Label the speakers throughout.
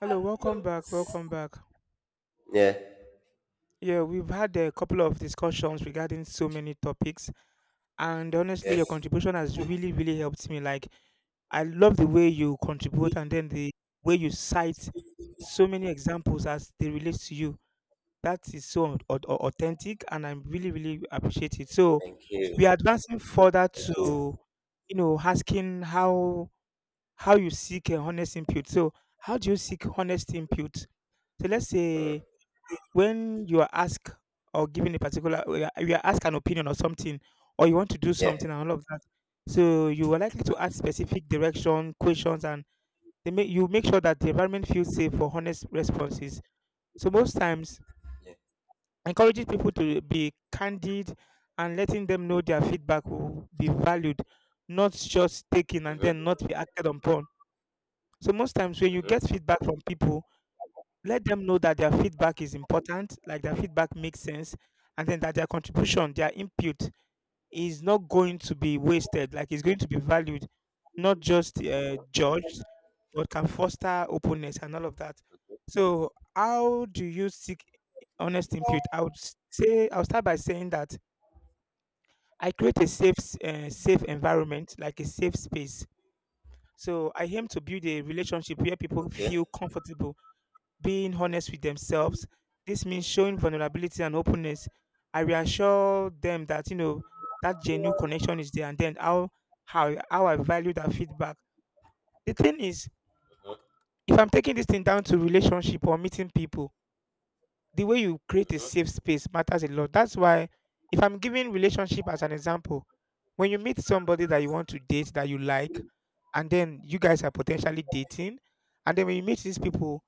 Speaker 1: Hello, welcome back. Welcome back.
Speaker 2: Yeah.
Speaker 1: Yeah, we've had a couple of discussions regarding so many topics, and honestly, your
Speaker 2: Yes.
Speaker 1: contribution has really, really helped me. Like, I love the way you contribute and then the way you cite so many examples as they relate to you. That is so authentic, and I'm really, really appreciate it. So,
Speaker 2: Thank
Speaker 1: we are
Speaker 2: you.
Speaker 1: advancing further
Speaker 2: Thank you.
Speaker 1: to, you know, asking how you seek a honest input. So, how do you seek honest input? So, let's
Speaker 2: Mm.
Speaker 1: say when you are asked or given a particular you are asked an opinion or something or you want to do
Speaker 2: Yeah.
Speaker 1: something and all of that, so you are likely to ask specific direction questions, and they make you make sure that the environment feels safe for honest responses. So most times
Speaker 2: Yeah.
Speaker 1: encouraging people to be candid and letting them know their feedback will be valued, not just taken and
Speaker 2: Mhm.
Speaker 1: then not be acted upon. So most times when you
Speaker 2: Mhm.
Speaker 1: get feedback from people, let them know that their feedback is important, like their feedback makes sense, and then that their contribution, their input is not going to be wasted, like it's going to be valued, not just judged, but can foster openness and all of that. So, how do you seek honest input? I would say, I'll start by saying that I create a safe, safe environment, like a safe space. So, I aim to build a relationship where people
Speaker 2: Okay.
Speaker 1: feel comfortable being honest with themselves. This means showing vulnerability and openness. I reassure them that you know that genuine connection is there, and then how I value that feedback. The thing is,
Speaker 2: Mhm.
Speaker 1: if I'm taking this thing down to relationship or meeting people, the way you create a
Speaker 2: Mhm.
Speaker 1: safe space matters a lot. That's why, if I'm giving relationship as an example, when you meet somebody that you want to date that you like, and then you guys are potentially dating, and then when you meet these people,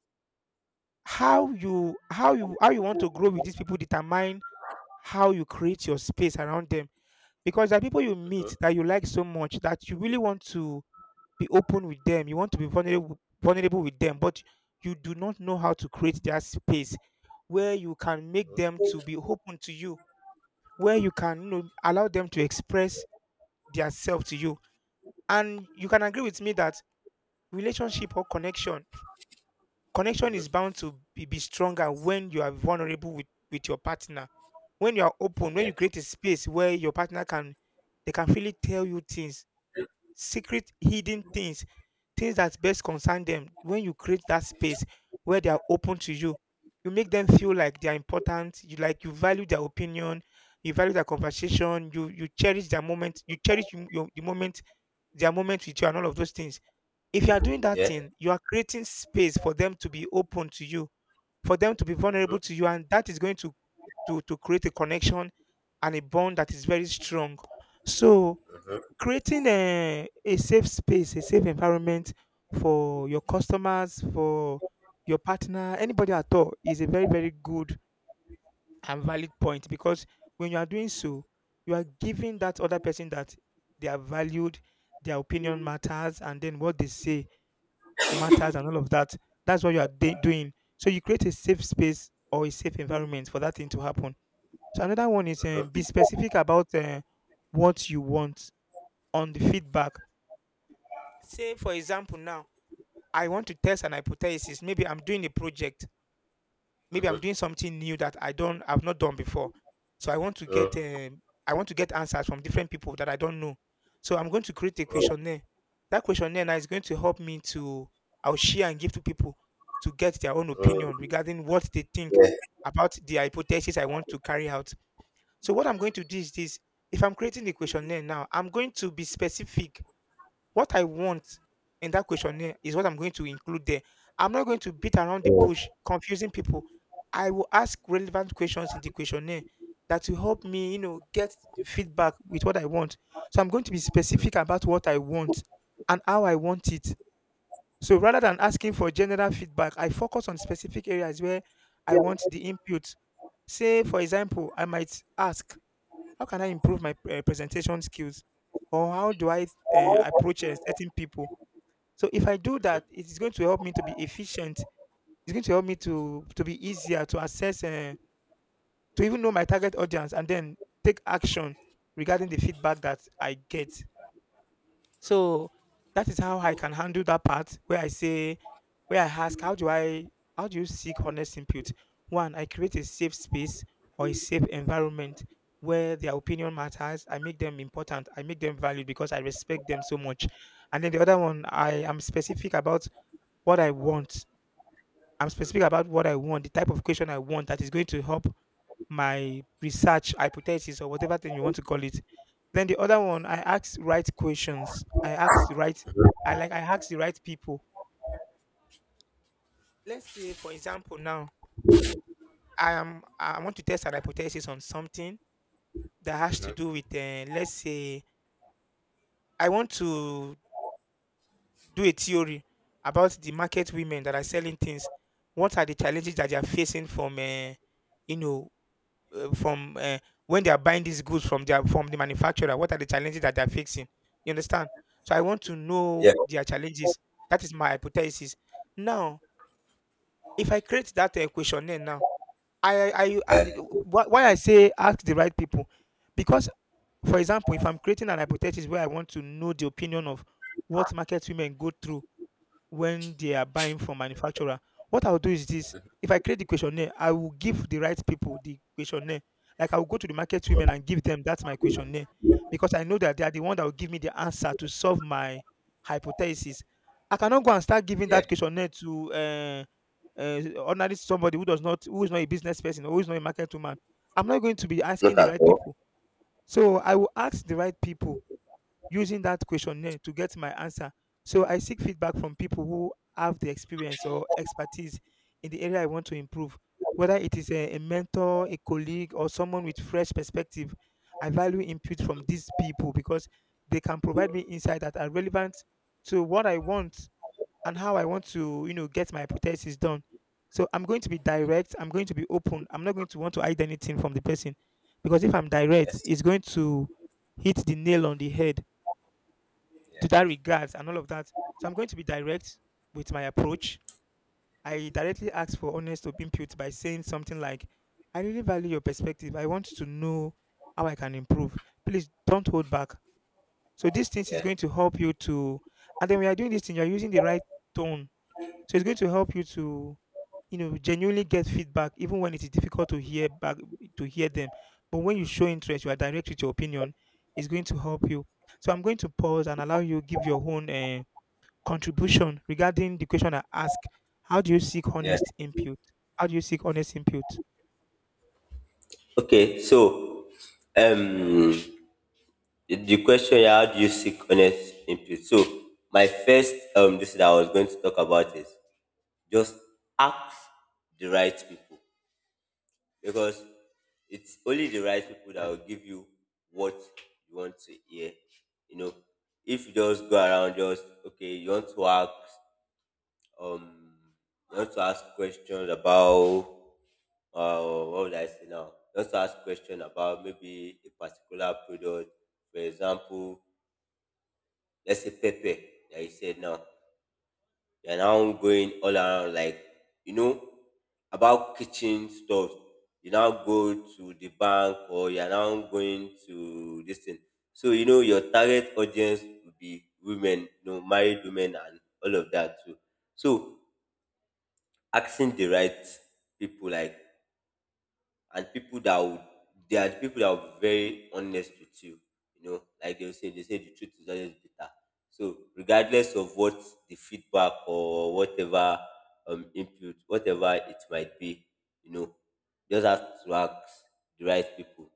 Speaker 1: how you want to grow with these people determine how you create your space around them. Because there are people you meet
Speaker 2: Mhm.
Speaker 1: that you like so much that you really want to be open with them. You want to be vulnerable with them, but you do not know how to create their space where you can make them to be open to you, where you can, you know, allow them to express their self to you. And you can agree with me that relationship or connection
Speaker 2: Mhm.
Speaker 1: is
Speaker 2: Mhm.
Speaker 1: bound to be stronger when you are vulnerable with your partner. When you are open, when
Speaker 2: Yeah.
Speaker 1: you create a space where your partner can, they can freely tell you things, secret hidden things, things that best concern them. When you create that space where they are open to you, you make them feel like they are important, you like you value their opinion, you value their conversation, you cherish their moment, you cherish your, the moment, their moment with you and all of those things. If you are doing that
Speaker 2: Yeah.
Speaker 1: thing, you are creating space for them to be open to you, for them to be vulnerable
Speaker 2: Mhm.
Speaker 1: to you, and that is going to create a connection and a bond that is very strong. So
Speaker 2: Mhm.
Speaker 1: creating a safe space, a safe environment for your customers, for your partner, anybody at all is a very, very good and valid point, because when you are doing so, you are giving that other person that they are valued, their opinion matters, and then what they say matters and all of that. That's what you are doing. So you create a safe space or a safe environment for that thing to happen. So another one is be
Speaker 2: Mhm.
Speaker 1: specific about what you want on the feedback. Say, for example, now I want to test an hypothesis. Maybe I'm doing a project, maybe I'm
Speaker 2: Mhm.
Speaker 1: doing something new that I've not done before. So I want to get
Speaker 2: Mm.
Speaker 1: I want to get answers from different people that I don't know. So I'm going to create a
Speaker 2: Mm.
Speaker 1: questionnaire. That questionnaire now is going to help me to, I'll share and give to people to get their own opinion
Speaker 2: Mm.
Speaker 1: regarding what they think
Speaker 2: Yeah.
Speaker 1: about the hypothesis I want to carry out. So what I'm going to do is this: if I'm creating the questionnaire now, I'm going to be specific. What I want in that questionnaire is what I'm going to include there. I'm not going to beat around the
Speaker 2: Mm.
Speaker 1: bush, confusing people. I will ask relevant questions in the questionnaire that will help me, you know, get feedback with what I want. So I'm going to be specific about what I want and how I want it. So rather than asking for general feedback, I focus on specific areas where I want the input. Say, for example, I might ask, how can I improve my presentation skills? Or how do I approach certain people? So if I do that, it is going to help me to be efficient. It's going to help me to be easier to assess, to even know my target audience, and then take action regarding the feedback that I get. So that is how I can handle that part where I say, where I ask, how do I, how do you seek honest input? One, I create a safe space or a safe environment where their opinion matters. I make them important. I make them valued because I respect them so much. And then the other one, I am specific about what I want. I'm specific about what I want, the type of question I want that is going to help my research hypothesis or whatever thing you want to call it. Then the other one, I ask right questions. I ask the right, I ask the right people. Let's say, for example, now I want to test an hypothesis on something that
Speaker 2: Mhm.
Speaker 1: has to
Speaker 2: Mhm.
Speaker 1: do with, let's say, I want to do a theory about the market women that are selling things. What are the challenges that they are facing from, you know, from when they are buying these goods from their from the manufacturer, what are the challenges that they're fixing? You understand? So I want to
Speaker 2: Yeah.
Speaker 1: know their challenges. That is my hypothesis. Now if I create that questionnaire now, I, why I say ask the right people, because, for example, if I'm creating an hypothesis where I want to know the opinion of what market women go through when they are buying from manufacturer. What I'll do is this: if I create the questionnaire, I will give the right people the questionnaire. Like I will go to the market women and give them that's my questionnaire, because I know that they are the one that will give me the answer to solve my hypothesis. I cannot go and start giving
Speaker 2: Yeah.
Speaker 1: that questionnaire to ordinary somebody who does not who is not a business person or who is not a market woman. I'm not going to be asking
Speaker 2: Not
Speaker 1: the
Speaker 2: at
Speaker 1: right
Speaker 2: all.
Speaker 1: people. So I will ask the right people using that questionnaire to get my answer. So I seek feedback from people who have the experience or expertise in the area I want to improve, whether it is a mentor, a colleague, or someone with fresh perspective. I value input from these people because they can provide me insight that are relevant to what I want and how I want to, you know, get my hypothesis done. So I'm going to be direct. I'm going to be open. I'm not going to want to hide anything from the person, because if I'm direct,
Speaker 2: Yes.
Speaker 1: it's going to hit the nail on the head
Speaker 2: Yeah.
Speaker 1: to that regards and all of that. So I'm going to be direct with my approach. I directly ask for honest input by saying something like, I really value your perspective. I want to know how I can improve. Please don't hold back. So these things is
Speaker 2: Yeah.
Speaker 1: going to help you to, and then when you're doing this thing, you're using the right tone. So it's going to help you to, you know, genuinely get feedback even when it is difficult to hear back to hear them. But when you show interest, you are direct with your opinion, it's going to help you. So I'm going to pause and allow you give your own contribution regarding the question I ask: how do you seek
Speaker 2: Yeah.
Speaker 1: honest input? How do you seek honest input?
Speaker 2: Okay. So, um, the question, yeah, how do you seek honest input? So, my first this that I was going to talk about is just ask the right people, because it's only the right people that will give you what you want to hear. You know, if you just go around, just okay, you want to ask, um, you want to ask questions about, uh, what would I say now? You want to ask questions about maybe a particular product. For example, let's say pepper that you said now. You're now going all around, like, you know about kitchen stuff. You now go to the bank or you're now going to this thing. So, your target audience will be women, married women and all of that too. So asking the right people, like, and people that would, they are the people that will be very honest with you. You know, like they will say, they say the truth is always bitter. So regardless of what the feedback or whatever input, whatever it might be, you know, just have to ask the right people.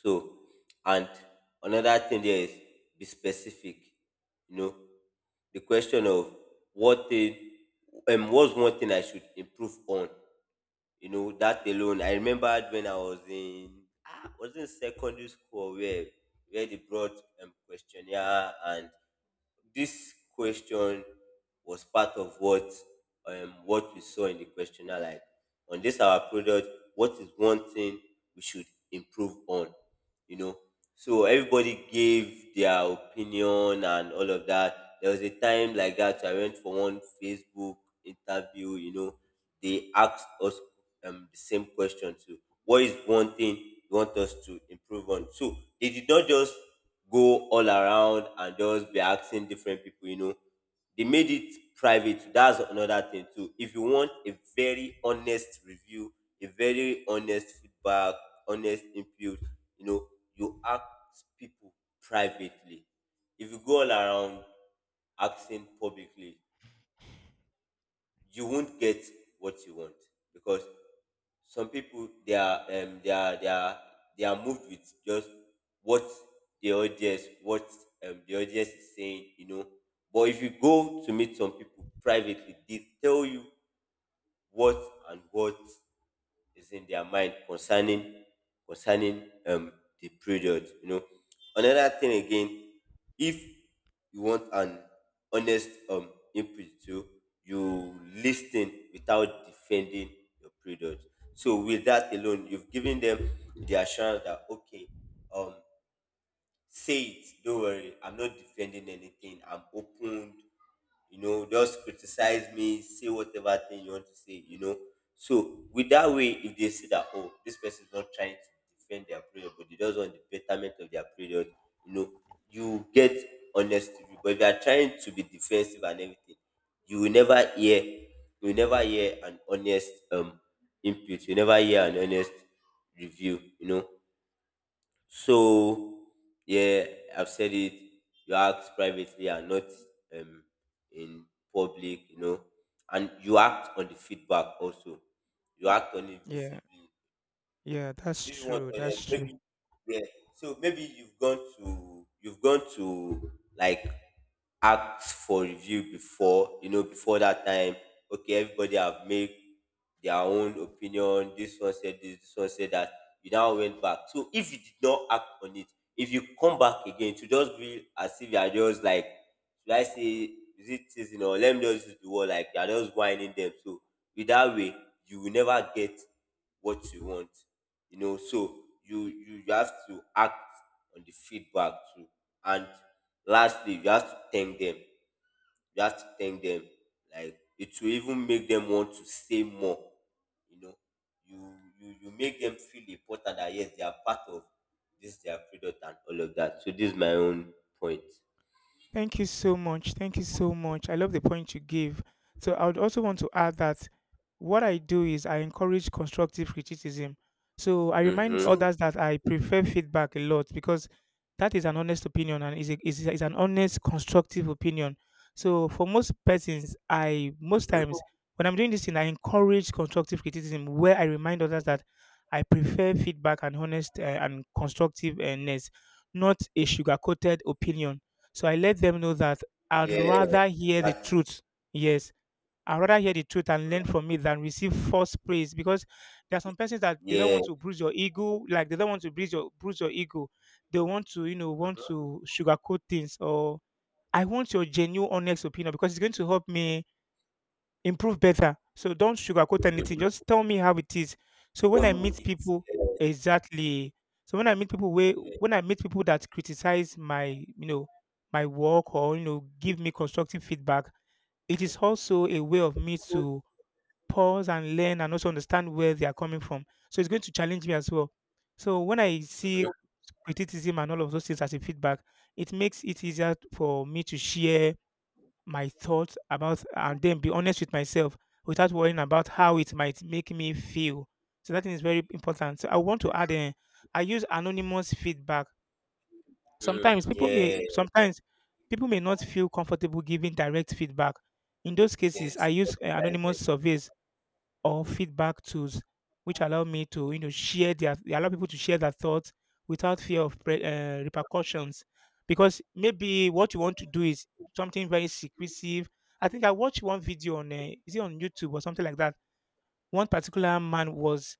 Speaker 2: So, and another thing there is be specific. You know, the question of what thing what's one thing I should improve on, that alone. I remembered when I was in secondary school where they brought questionnaire, and this question was part of what we saw in the questionnaire. Like, on this our product, what is one thing we should improve on? You know, so everybody gave their opinion and all of that. There was a time like that I went for one Facebook interview. You know, they asked us the same question too: what is one thing you want us to improve on? So they did not just go all around and just be asking different people, you know. They made it private. That's another thing too. If you want a very honest review, a very honest feedback, honest input, you know, you ask people privately. If you go all around asking publicly, you won't get what you want, because some people, they are, they are moved with just what the audience is saying, you know, but if you go to meet some people privately, they tell you what and what is in their mind concerning, concerning um the period, you know. Another thing again, if you want an honest input too, you listen without defending your period. So with that alone, you've given them the assurance that, okay, um say it. Don't worry. I'm not defending anything. I'm open. You know, just criticize me. Say whatever thing you want to say. You know. So with that way, if they see that, oh, this person is not trying to defend their period, but they just want the betterment of their period, you know, you get honest review. But if you are trying to be defensive and everything, you will never hear. You will never hear an honest input. You never hear an honest review. You know. So yeah, I've said it. You act privately and not, um, in public, you know, and you act on the feedback also. You act on it
Speaker 1: Yeah,
Speaker 2: visibly
Speaker 1: yeah, that's
Speaker 2: if you want
Speaker 1: true.
Speaker 2: to honest,
Speaker 1: That's true.
Speaker 2: maybe, yeah. So maybe you've gone to like ask for review before, you know, before that time. Okay, everybody have made their own opinion. This one said this, this one said that. You now went back. So if you did not act on it, if you come back again, to just be as if you are just like, should I say, is it season or let me just use the word, like you are just whining them. So with that way, you will never get what you want, so you have to act on the feedback too. And lastly, you have to thank them. You have to thank them, like it will even make them want to say more, you know you make them feel important, that yes, they are part of this their product and all of that. So this is my own point.
Speaker 1: Thank you so much. Thank you so much. I love the point you gave. So I would also want to add that what I do is I encourage constructive criticism. So I
Speaker 2: Mm-hmm.
Speaker 1: remind
Speaker 2: So.
Speaker 1: others that I prefer feedback a lot because that is an honest opinion and is, is an honest, constructive opinion. So for most persons, I most
Speaker 2: Mm-hmm.
Speaker 1: times when I'm doing this thing, I encourage constructive criticism where I remind others that I prefer feedback and honest and constructiveness, not a sugar coated opinion, so I let them know that I'd
Speaker 2: Yeah,
Speaker 1: rather hear the
Speaker 2: exactly.
Speaker 1: truth. Yes, I'd rather hear the truth and learn
Speaker 2: Mm-hmm.
Speaker 1: from it than receive false praise, because there are some persons that they don't
Speaker 2: Yeah.
Speaker 1: want to bruise your ego, like they don't want to bruise your ego. They want to, you know, want
Speaker 2: Mm-hmm.
Speaker 1: to sugarcoat things. Or I want your genuine honest opinion because it's going to help me improve better. So don't sugarcoat anything.
Speaker 2: Mm-hmm.
Speaker 1: Just tell me how it is. So
Speaker 2: For
Speaker 1: when I meet
Speaker 2: me,
Speaker 1: people,
Speaker 2: yeah,
Speaker 1: exactly. So
Speaker 2: yeah.
Speaker 1: when I meet people that criticize my, you know, my work, or you know, give me constructive feedback, it is also a way of me to pause and learn and also understand where they are coming from. So it's going to challenge me as well. So when I see
Speaker 2: Mm-hmm.
Speaker 1: criticism and all of those things as a feedback, it makes it easier for me to share my thoughts about and then be honest with myself without worrying about how it might make me feel. So that thing is very important. So I want to add in, I use anonymous feedback. Sometimes
Speaker 2: Mm,
Speaker 1: people
Speaker 2: yeah.
Speaker 1: may sometimes people may not feel comfortable giving direct feedback. In those cases, I
Speaker 2: Yes.
Speaker 1: use anonymous surveys or feedback tools, which allow me to, you know, share their they allow people to share their thoughts without fear of repercussions. Because maybe what you want to do is something very secretive. I think I watched one video on is it on YouTube or something like that. One particular man was,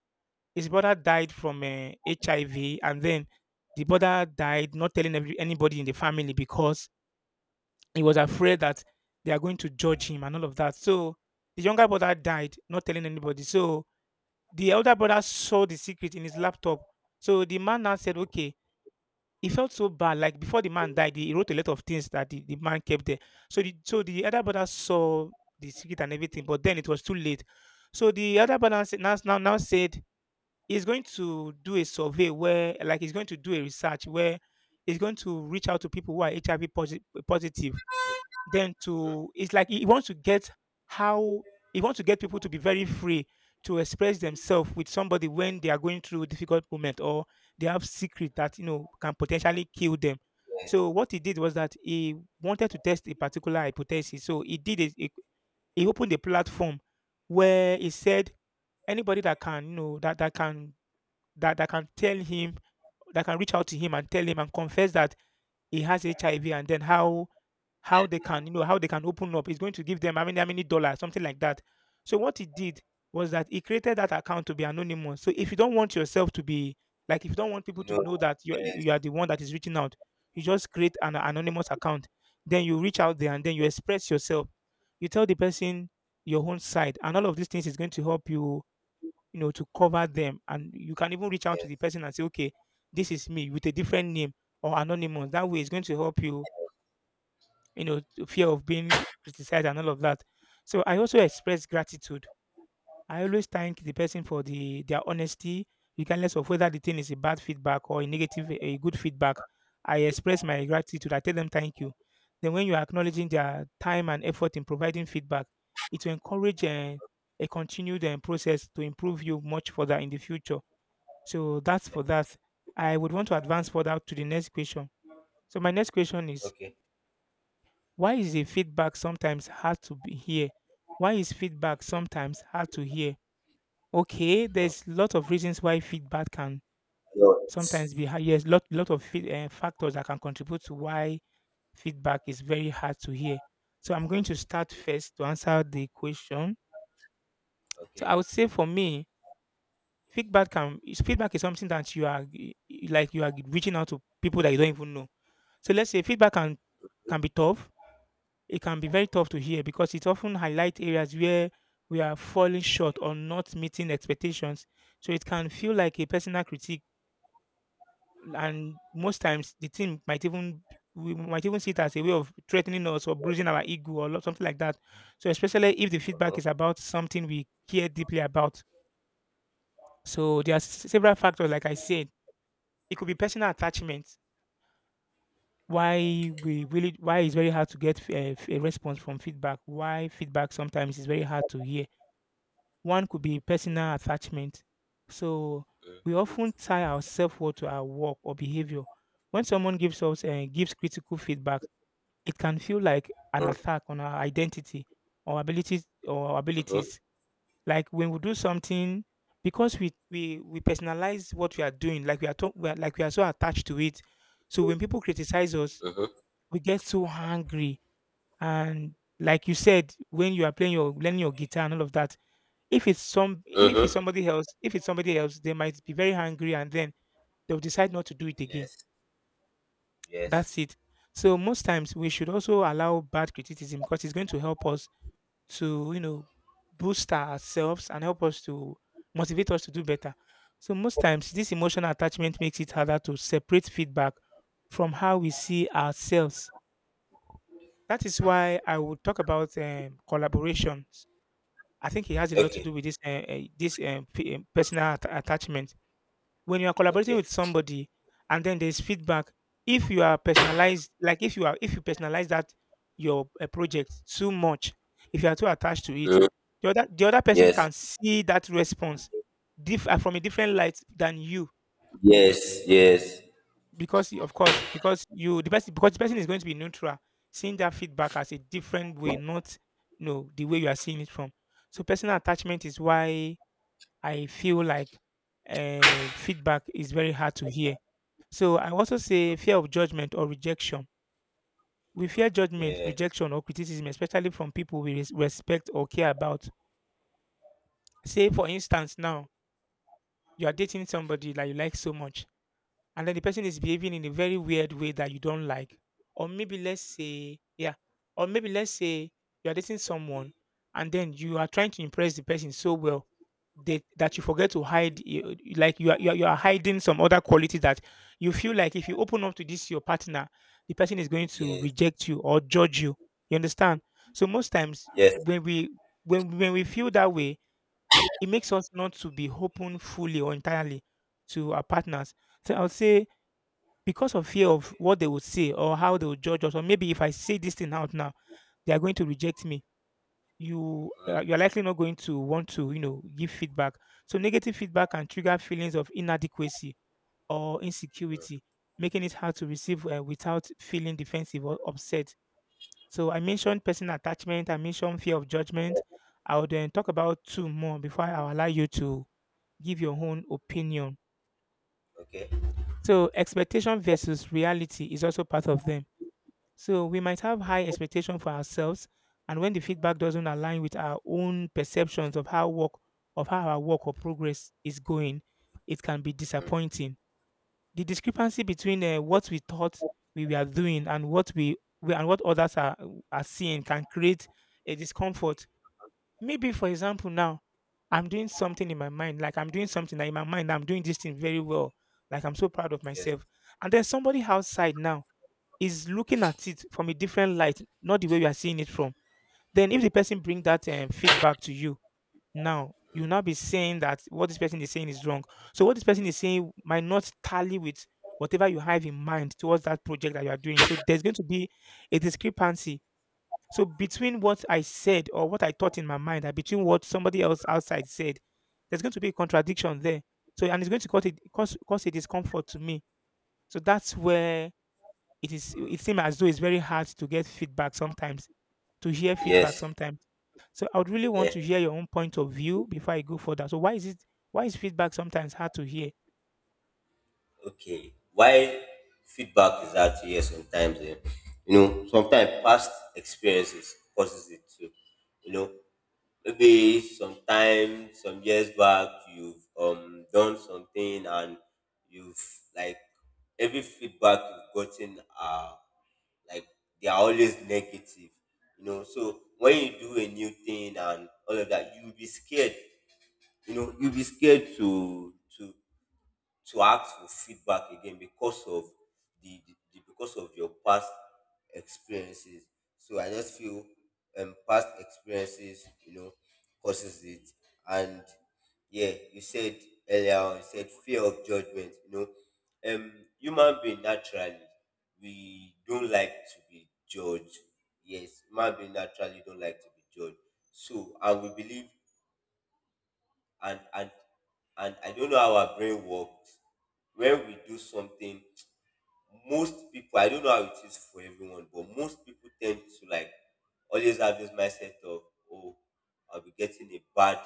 Speaker 1: his brother died from HIV, and then the brother died not telling anybody in the family because he was afraid that they are going to judge him and all of that. So the younger brother died not telling anybody. So the elder brother saw the secret in his laptop. So the man now said, okay, he felt so bad. Like before the man died, he wrote a lot of things that the man kept there. So the elder brother saw the secret and everything, but then it was too late. So the elder brother now said he's going to do a survey where, like, he's going to do a research where he's going to reach out to people who are HIV positive. Then, to, it's like he wants to get how, he wants to get people to be very free to express themselves with somebody when they are going through a difficult moment, or they have secret that you know can potentially kill them. So what he did was that he wanted to test a particular hypothesis. So he opened a platform where he said anybody that can, you know, that can tell him, that can reach out to him and tell him and confess that he has HIV, and then how they can, you know, how they can open up. It's going to give them how many dollars, something like that. So what he did was that he created that account to be anonymous. So if you don't want yourself to be, like, if you don't want people to
Speaker 2: No.
Speaker 1: know that you
Speaker 2: Yes.
Speaker 1: are the one that is reaching out, you just create an anonymous account. Then you reach out there and then you express yourself. You tell the person your own side, and all of these things is going to help you, you know, to cover them. And you can even reach out to
Speaker 2: Yes.
Speaker 1: the person and say, okay, this is me with a different name or anonymous. That way, it's going to help you, you know, to fear of being criticized and all of that. So I also express gratitude. I always thank the person for their honesty, regardless of whether the thing is a bad feedback or a good feedback. I express my gratitude. I tell them thank you. Then when you are acknowledging their time and effort in providing feedback, it will encourage a continued process to improve you much further in the future. So that's
Speaker 2: Yeah.
Speaker 1: for that. I would want to advance further to the next question. So my next question is,
Speaker 2: Okay.
Speaker 1: why is a feedback sometimes hard to be hear? Why is feedback sometimes hard to hear? Okay,
Speaker 2: Mm.
Speaker 1: there's a lot of reasons why feedback can sometimes
Speaker 2: Lots.
Speaker 1: be hard. Yes, lot of factors that can contribute to why feedback is very hard to hear. So I'm going to start first to answer the question. So
Speaker 2: Okay.
Speaker 1: I would say for me, feedback is something that you are like you are reaching out to people that you don't even know. So let's say feedback can be tough, it can be very tough to hear because it often highlights areas where we are falling short or not meeting expectations. So it can feel like a personal critique, and most times the team might even we might even see it as a way of threatening us or bruising our ego or something like that. So especially if the feedback
Speaker 2: Uh-huh.
Speaker 1: is about something we care deeply about. So there are several factors, like I said, it could be personal attachment. Why we really, why it's very hard to get a response from feedback, why feedback sometimes is very hard to hear. One could be personal attachment. So we often tie our self-worth to our work or behavior. When someone gives us gives critical feedback, it can feel like an
Speaker 2: Mm.
Speaker 1: attack on our identity or abilities or our
Speaker 2: Mm-hmm.
Speaker 1: abilities. Like when we do something because we personalize what we are doing, like we are so attached to it. So when people criticize us,
Speaker 2: Mm-hmm.
Speaker 1: we get so angry, and, like you said, when you are playing your learning your guitar and all of that, if it's some if it's
Speaker 2: Mm-hmm.
Speaker 1: somebody else, they might be very angry, and then they'll decide not to do it again.
Speaker 2: Yes. Yes.
Speaker 1: That's it. So most times we should also allow bad criticism because it's going to help us to, you know, boost ourselves and help us to motivate us to do better. So most times this emotional attachment makes it harder to separate feedback from how we see ourselves. That is why I would talk about collaborations. I think it has a lot to do
Speaker 2: Okay.
Speaker 1: with this personal attachment. When you are collaborating with
Speaker 2: Okay.
Speaker 1: somebody and then there's feedback, if you are personalized, like if you are if you personalize that your project too much, if you are too attached to it,
Speaker 2: Mm.
Speaker 1: the other person
Speaker 2: Yes.
Speaker 1: can see that response from a different light than you,
Speaker 2: Yes. Yes.
Speaker 1: because of course, because the person is going to be neutral, seeing that feedback as a different way, not, you know, the way you are seeing it from. So personal attachment is why I feel like feedback is very hard to hear. So I also say fear of judgment or rejection. We fear judgment,
Speaker 2: Yeah.
Speaker 1: rejection, or criticism, especially from people we respect or care about. Say, for instance, now, you are dating somebody that you like so much, and then the person is behaving in a very weird way that you don't like. Or maybe let's say, yeah, or maybe let's say you are dating someone, and then you are trying to impress the person so well that, that you forget to hide like you are hiding some other quality that you feel like if you open up to this your partner, the person is going to
Speaker 2: Yes.
Speaker 1: reject you or judge you. You understand? So most times
Speaker 2: Yes.
Speaker 1: when we, when we feel that way, it makes us not to be open fully or entirely to our partners. So I would say, because of fear of what they would say or how they would judge us, or maybe if I say this thing out now, they are going to reject me. You you're likely not going to want to, you know, give feedback. So negative feedback can trigger feelings of inadequacy or insecurity, making it hard to receive without feeling defensive or upset. So I mentioned personal attachment. I mentioned fear of judgment. I would then talk about two more before I allow you to give your own opinion.
Speaker 2: Okay.
Speaker 1: So expectation versus reality is also part of them. So we might have high expectation for ourselves, and when the feedback doesn't align with our own perceptions of how work of how our work or progress is going, it can be disappointing. The discrepancy between what we thought we were doing and what we and what others are seeing can create a discomfort. Maybe, for example, now I'm doing something that in my mind I'm doing this thing very well, like I'm so proud of
Speaker 2: Yes.
Speaker 1: myself, and there's somebody outside now is looking at it from a different light, not the way we are seeing it from. Then, if the person bring that feedback to you, now you'll now be saying that what this person is saying is wrong. So, what this person is saying might not tally with whatever you have in mind towards that project that you are doing. So, there's going to be a discrepancy. So, between what I said or what I thought in my mind and between what somebody else outside said, there's going to be a contradiction there. So, and it's going to cause cause a discomfort to me. So, that's where it seems as though it's very hard to get feedback sometimes, to hear feedback
Speaker 2: Yes.
Speaker 1: sometimes. So I would really want
Speaker 2: Yeah.
Speaker 1: to hear your own point of view before I go further. So why is feedback sometimes hard to hear?
Speaker 2: Okay. Why feedback is out here sometimes? Eh? You know, sometimes past experiences causes it too. You know, maybe sometime some years back, you've done something, and you've like every feedback you've gotten are, like, they are always negative, so when you do a new thing and all of that, you'll be scared. You know, you'll be scared to ask for feedback again because of the because of your past experiences. So I just feel, past experiences, you know, causes it. And yeah, you said earlier on, you said fear of judgment. Um human being naturally, we don't like to be judged. Yes, human being naturally don't like to be judged. So, and we believe, and and and I don't know how our brain works. When we do something, most people, I don't know how it is for everyone, but most people tend to like always have this mindset of, oh, I'll be getting a bad,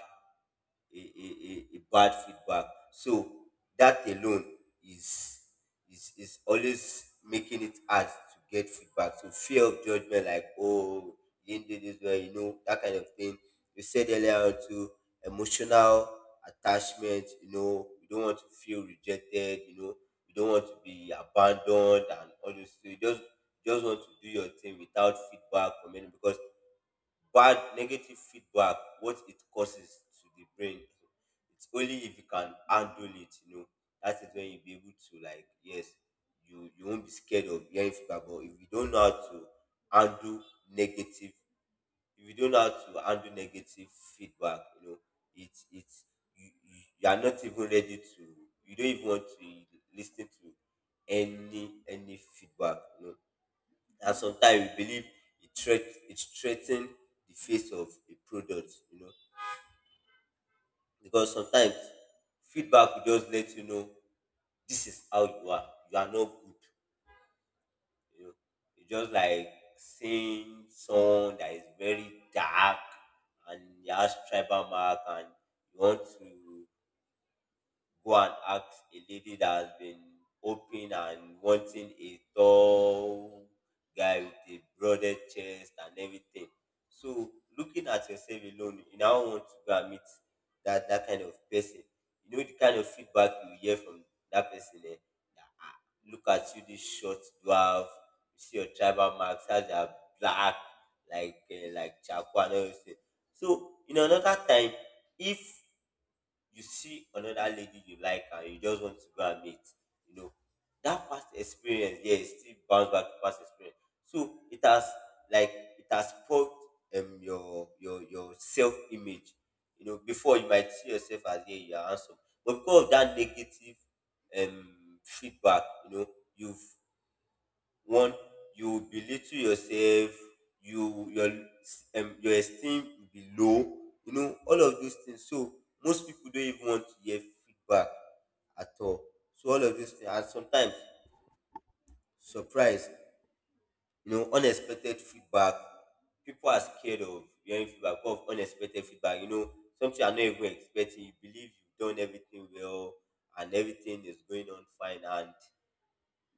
Speaker 2: a, a, a bad feedback. So that alone is is always making it hard to get feedback. So fear of judgment, like, oh, you didn't do this well, you know, that kind of thing. You said earlier on to emotional attachment. You know, you don't want to feel rejected. You know, you don't want to be abandoned and all those. Things. You just want to do your thing without feedback from anyone, because bad negative feedback, what it causes to the brain, it's only if you can handle it, you know, that is when you'll be able to, like, yes, you won't be scared of hearing feedback. But if you don't know how to handle negative, if you don't know how to handle negative feedback, you know, it's you are not even ready to, you don't even want to listen to any feedback, you know. And sometimes we believe it threat it threaten the face of a product, you know, because sometimes feedback will just let you know this is how you are, you are not good, you know. It's just like seeing someone that is very dark and he has tribal mark, and you want to go and ask a lady that has been hoping and wanting a tall guy with a broader chest and everything. So looking at yourself alone, you now want to go and meet that kind of person. You know the kind of feedback you hear from that person, that, "Ah, look at you, this short dwarf, you see your tribal marks, as they are black, like charcoal and everything." So in another time, if you see another lady you like and you just want to go and meet, you know, that past experience, yeah, it still bounce back to past experience. So it has, like it has spoiled your self image. You know, before, you might see yourself as, yeah, you are handsome, but because of that negative feedback, you know, you've one, you belittle yourself, you your your esteem will be low, you know, all of those things. So most people don't even want to hear feedback at all. So all of these things, and sometimes surprise, you know, unexpected feedback. People are scared of hearing feedback, of unexpected feedback, you know, something you're not even expecting. You believe you've done everything well and everything is going on fine, and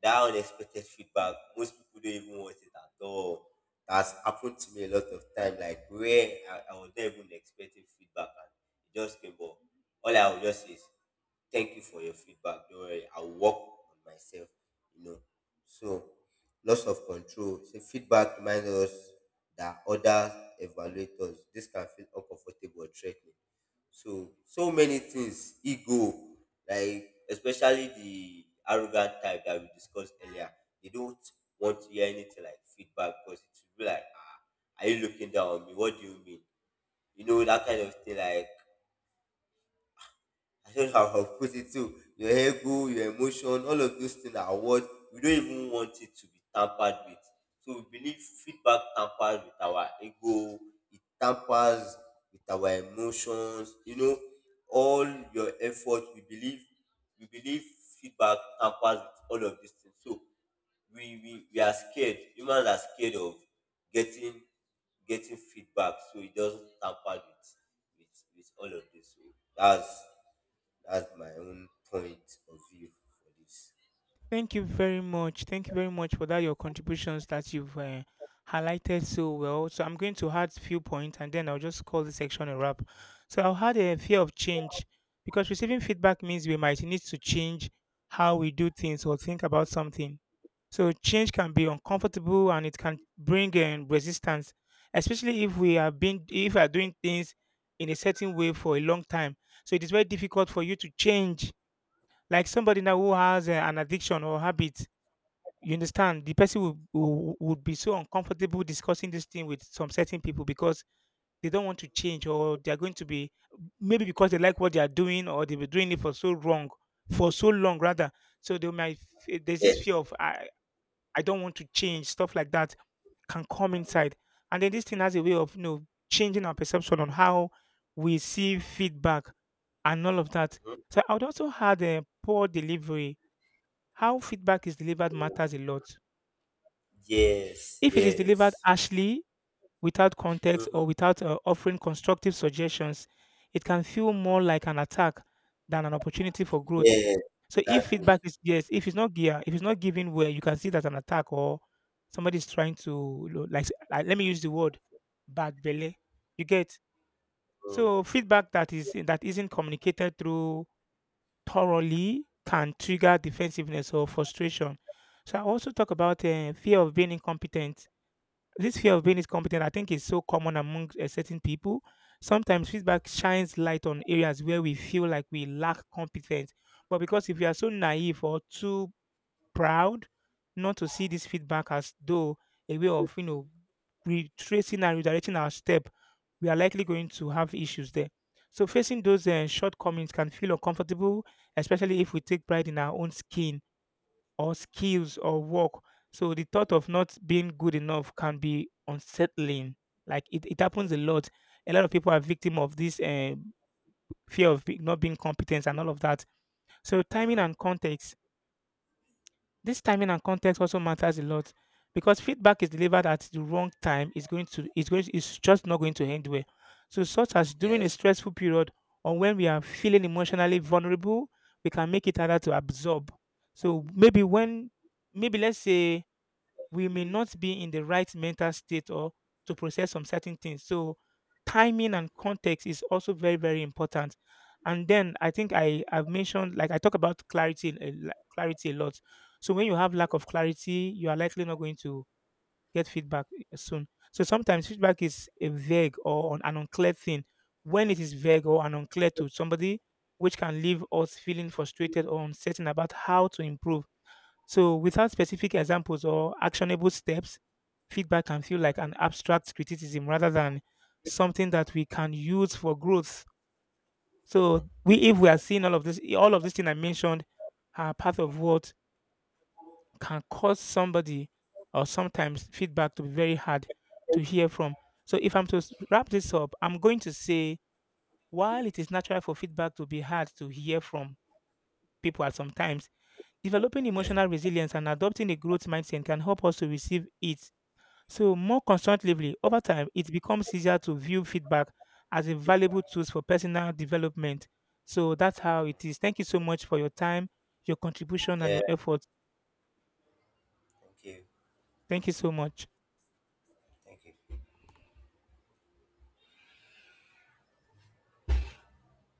Speaker 2: that unexpected feedback, most people don't even want it at all. That's happened to me a lot of time, like where I was not even expecting feedback and it just came up. All I would just say is, thank you for your feedback. Don't worry, I'll work on myself, you know. So loss of control. So feedback reminds us that others evaluate us. This can feel uncomfortable or threatening. So so many things, ego, like especially the arrogant type that we discussed earlier, they don't want to hear anything like feedback, because it will be like, ah, are you looking down on me? What do you mean? You know, that kind of thing, like, I don't know how put it too. Your ego, your emotion, all of those things are what we don't even want it to be tampered with. So we believe feedback tampers with our ego, it tampers with our emotions, you know, all your effort. We believe feedback tampers with all of these things. So we are scared. Humans are scared of getting getting feedback, so it doesn't tamper with, with all of this. So that's that's my own point of view for this.
Speaker 1: Thank you very much. Thank you very much for that your contributions that you've highlighted so well. So I'm going to add a few points and then I'll just call this section a wrap. So I'll add a fear of change because receiving feedback means we might need to change how we do things or think about something. So change can be uncomfortable and it can bring in resistance, especially if we are being if we are doing things in a certain way for a long time. So it is very difficult for you to change. Like somebody now who has an addiction or habit, you understand the person would be so uncomfortable discussing this thing with some certain people because they don't want to change, or they are going to be, maybe because they like what they are doing or they've been doing it for so wrong for so long rather, so they might there's
Speaker 2: Yeah.
Speaker 1: this fear of I don't want to change, stuff like that can come inside. And then this thing has a way of, you know, changing our perception on how we see feedback and all of that.
Speaker 2: Mhm.
Speaker 1: So I would also add a poor delivery. How feedback is delivered matters a lot.
Speaker 2: Yes.
Speaker 1: If it is delivered
Speaker 2: Yes.
Speaker 1: harshly, without context,
Speaker 2: Mm-hmm.
Speaker 1: or without offering constructive suggestions, it can feel more like an attack than an opportunity for growth.
Speaker 2: Yes.
Speaker 1: So if feedback
Speaker 2: Exactly.
Speaker 1: is, yes, if it's not gear, if it's not given well, you can see that an attack or somebody's trying to, you know, like, let me use the word bad belly. You get?
Speaker 2: Mm-hmm.
Speaker 1: So feedback that is that isn't communicated through thoroughly can trigger defensiveness or frustration. So I also talk about fear of being incompetent. This fear of being incompetent, I think, is so common among certain people. Sometimes feedback shines light on areas where we feel like we lack competence. But because if we are so naive or too proud not to see this feedback as though a way of, you know, retracing and redirecting our step, we are likely going to have issues there. So facing those shortcomings can feel uncomfortable, especially if we take pride in our own skin or skills or work. So the thought of not being good enough can be unsettling. Like it happens a lot. A lot of people are victim of this fear of not being competent and all of that. So timing and context. This timing and context also matters a lot because feedback is delivered at the wrong time is going to is going is just not going to end well. So such as during a
Speaker 2: Yes.
Speaker 1: stressful period or when we are feeling emotionally vulnerable, we can make it harder to absorb. So maybe let's say we may not be in the right mental state or to process some certain things. So timing and context is also very, very important. And then I think I have mentioned, like I talk about clarity, clarity a lot. So when you have lack of clarity, you are likely not going to get feedback, eh, soon. So sometimes feedback is a vague or an unclear thing. When it is vague or an unclear to somebody, which can leave us feeling frustrated or uncertain about how to improve, so, without specific examples or actionable steps, feedback can feel like an abstract criticism rather than something that we can use for growth. So, we if we are seeing all of this thing I mentioned, are part of what can cause somebody or sometimes feedback to be very hard to hear from. So, if I'm to wrap this up, I'm going to say while it is natural for feedback to be hard to hear from, people at some times. Developing
Speaker 2: Yeah.
Speaker 1: emotional resilience and adopting a growth mindset can help us to receive it. So, more constructively, over time, it becomes easier to view feedback as a valuable tool for personal development. So, that's how it is. Thank you so much for your time, your contribution, and
Speaker 2: Yeah.
Speaker 1: your effort.
Speaker 2: Thank you.
Speaker 1: Thank you so much.
Speaker 2: Thank you.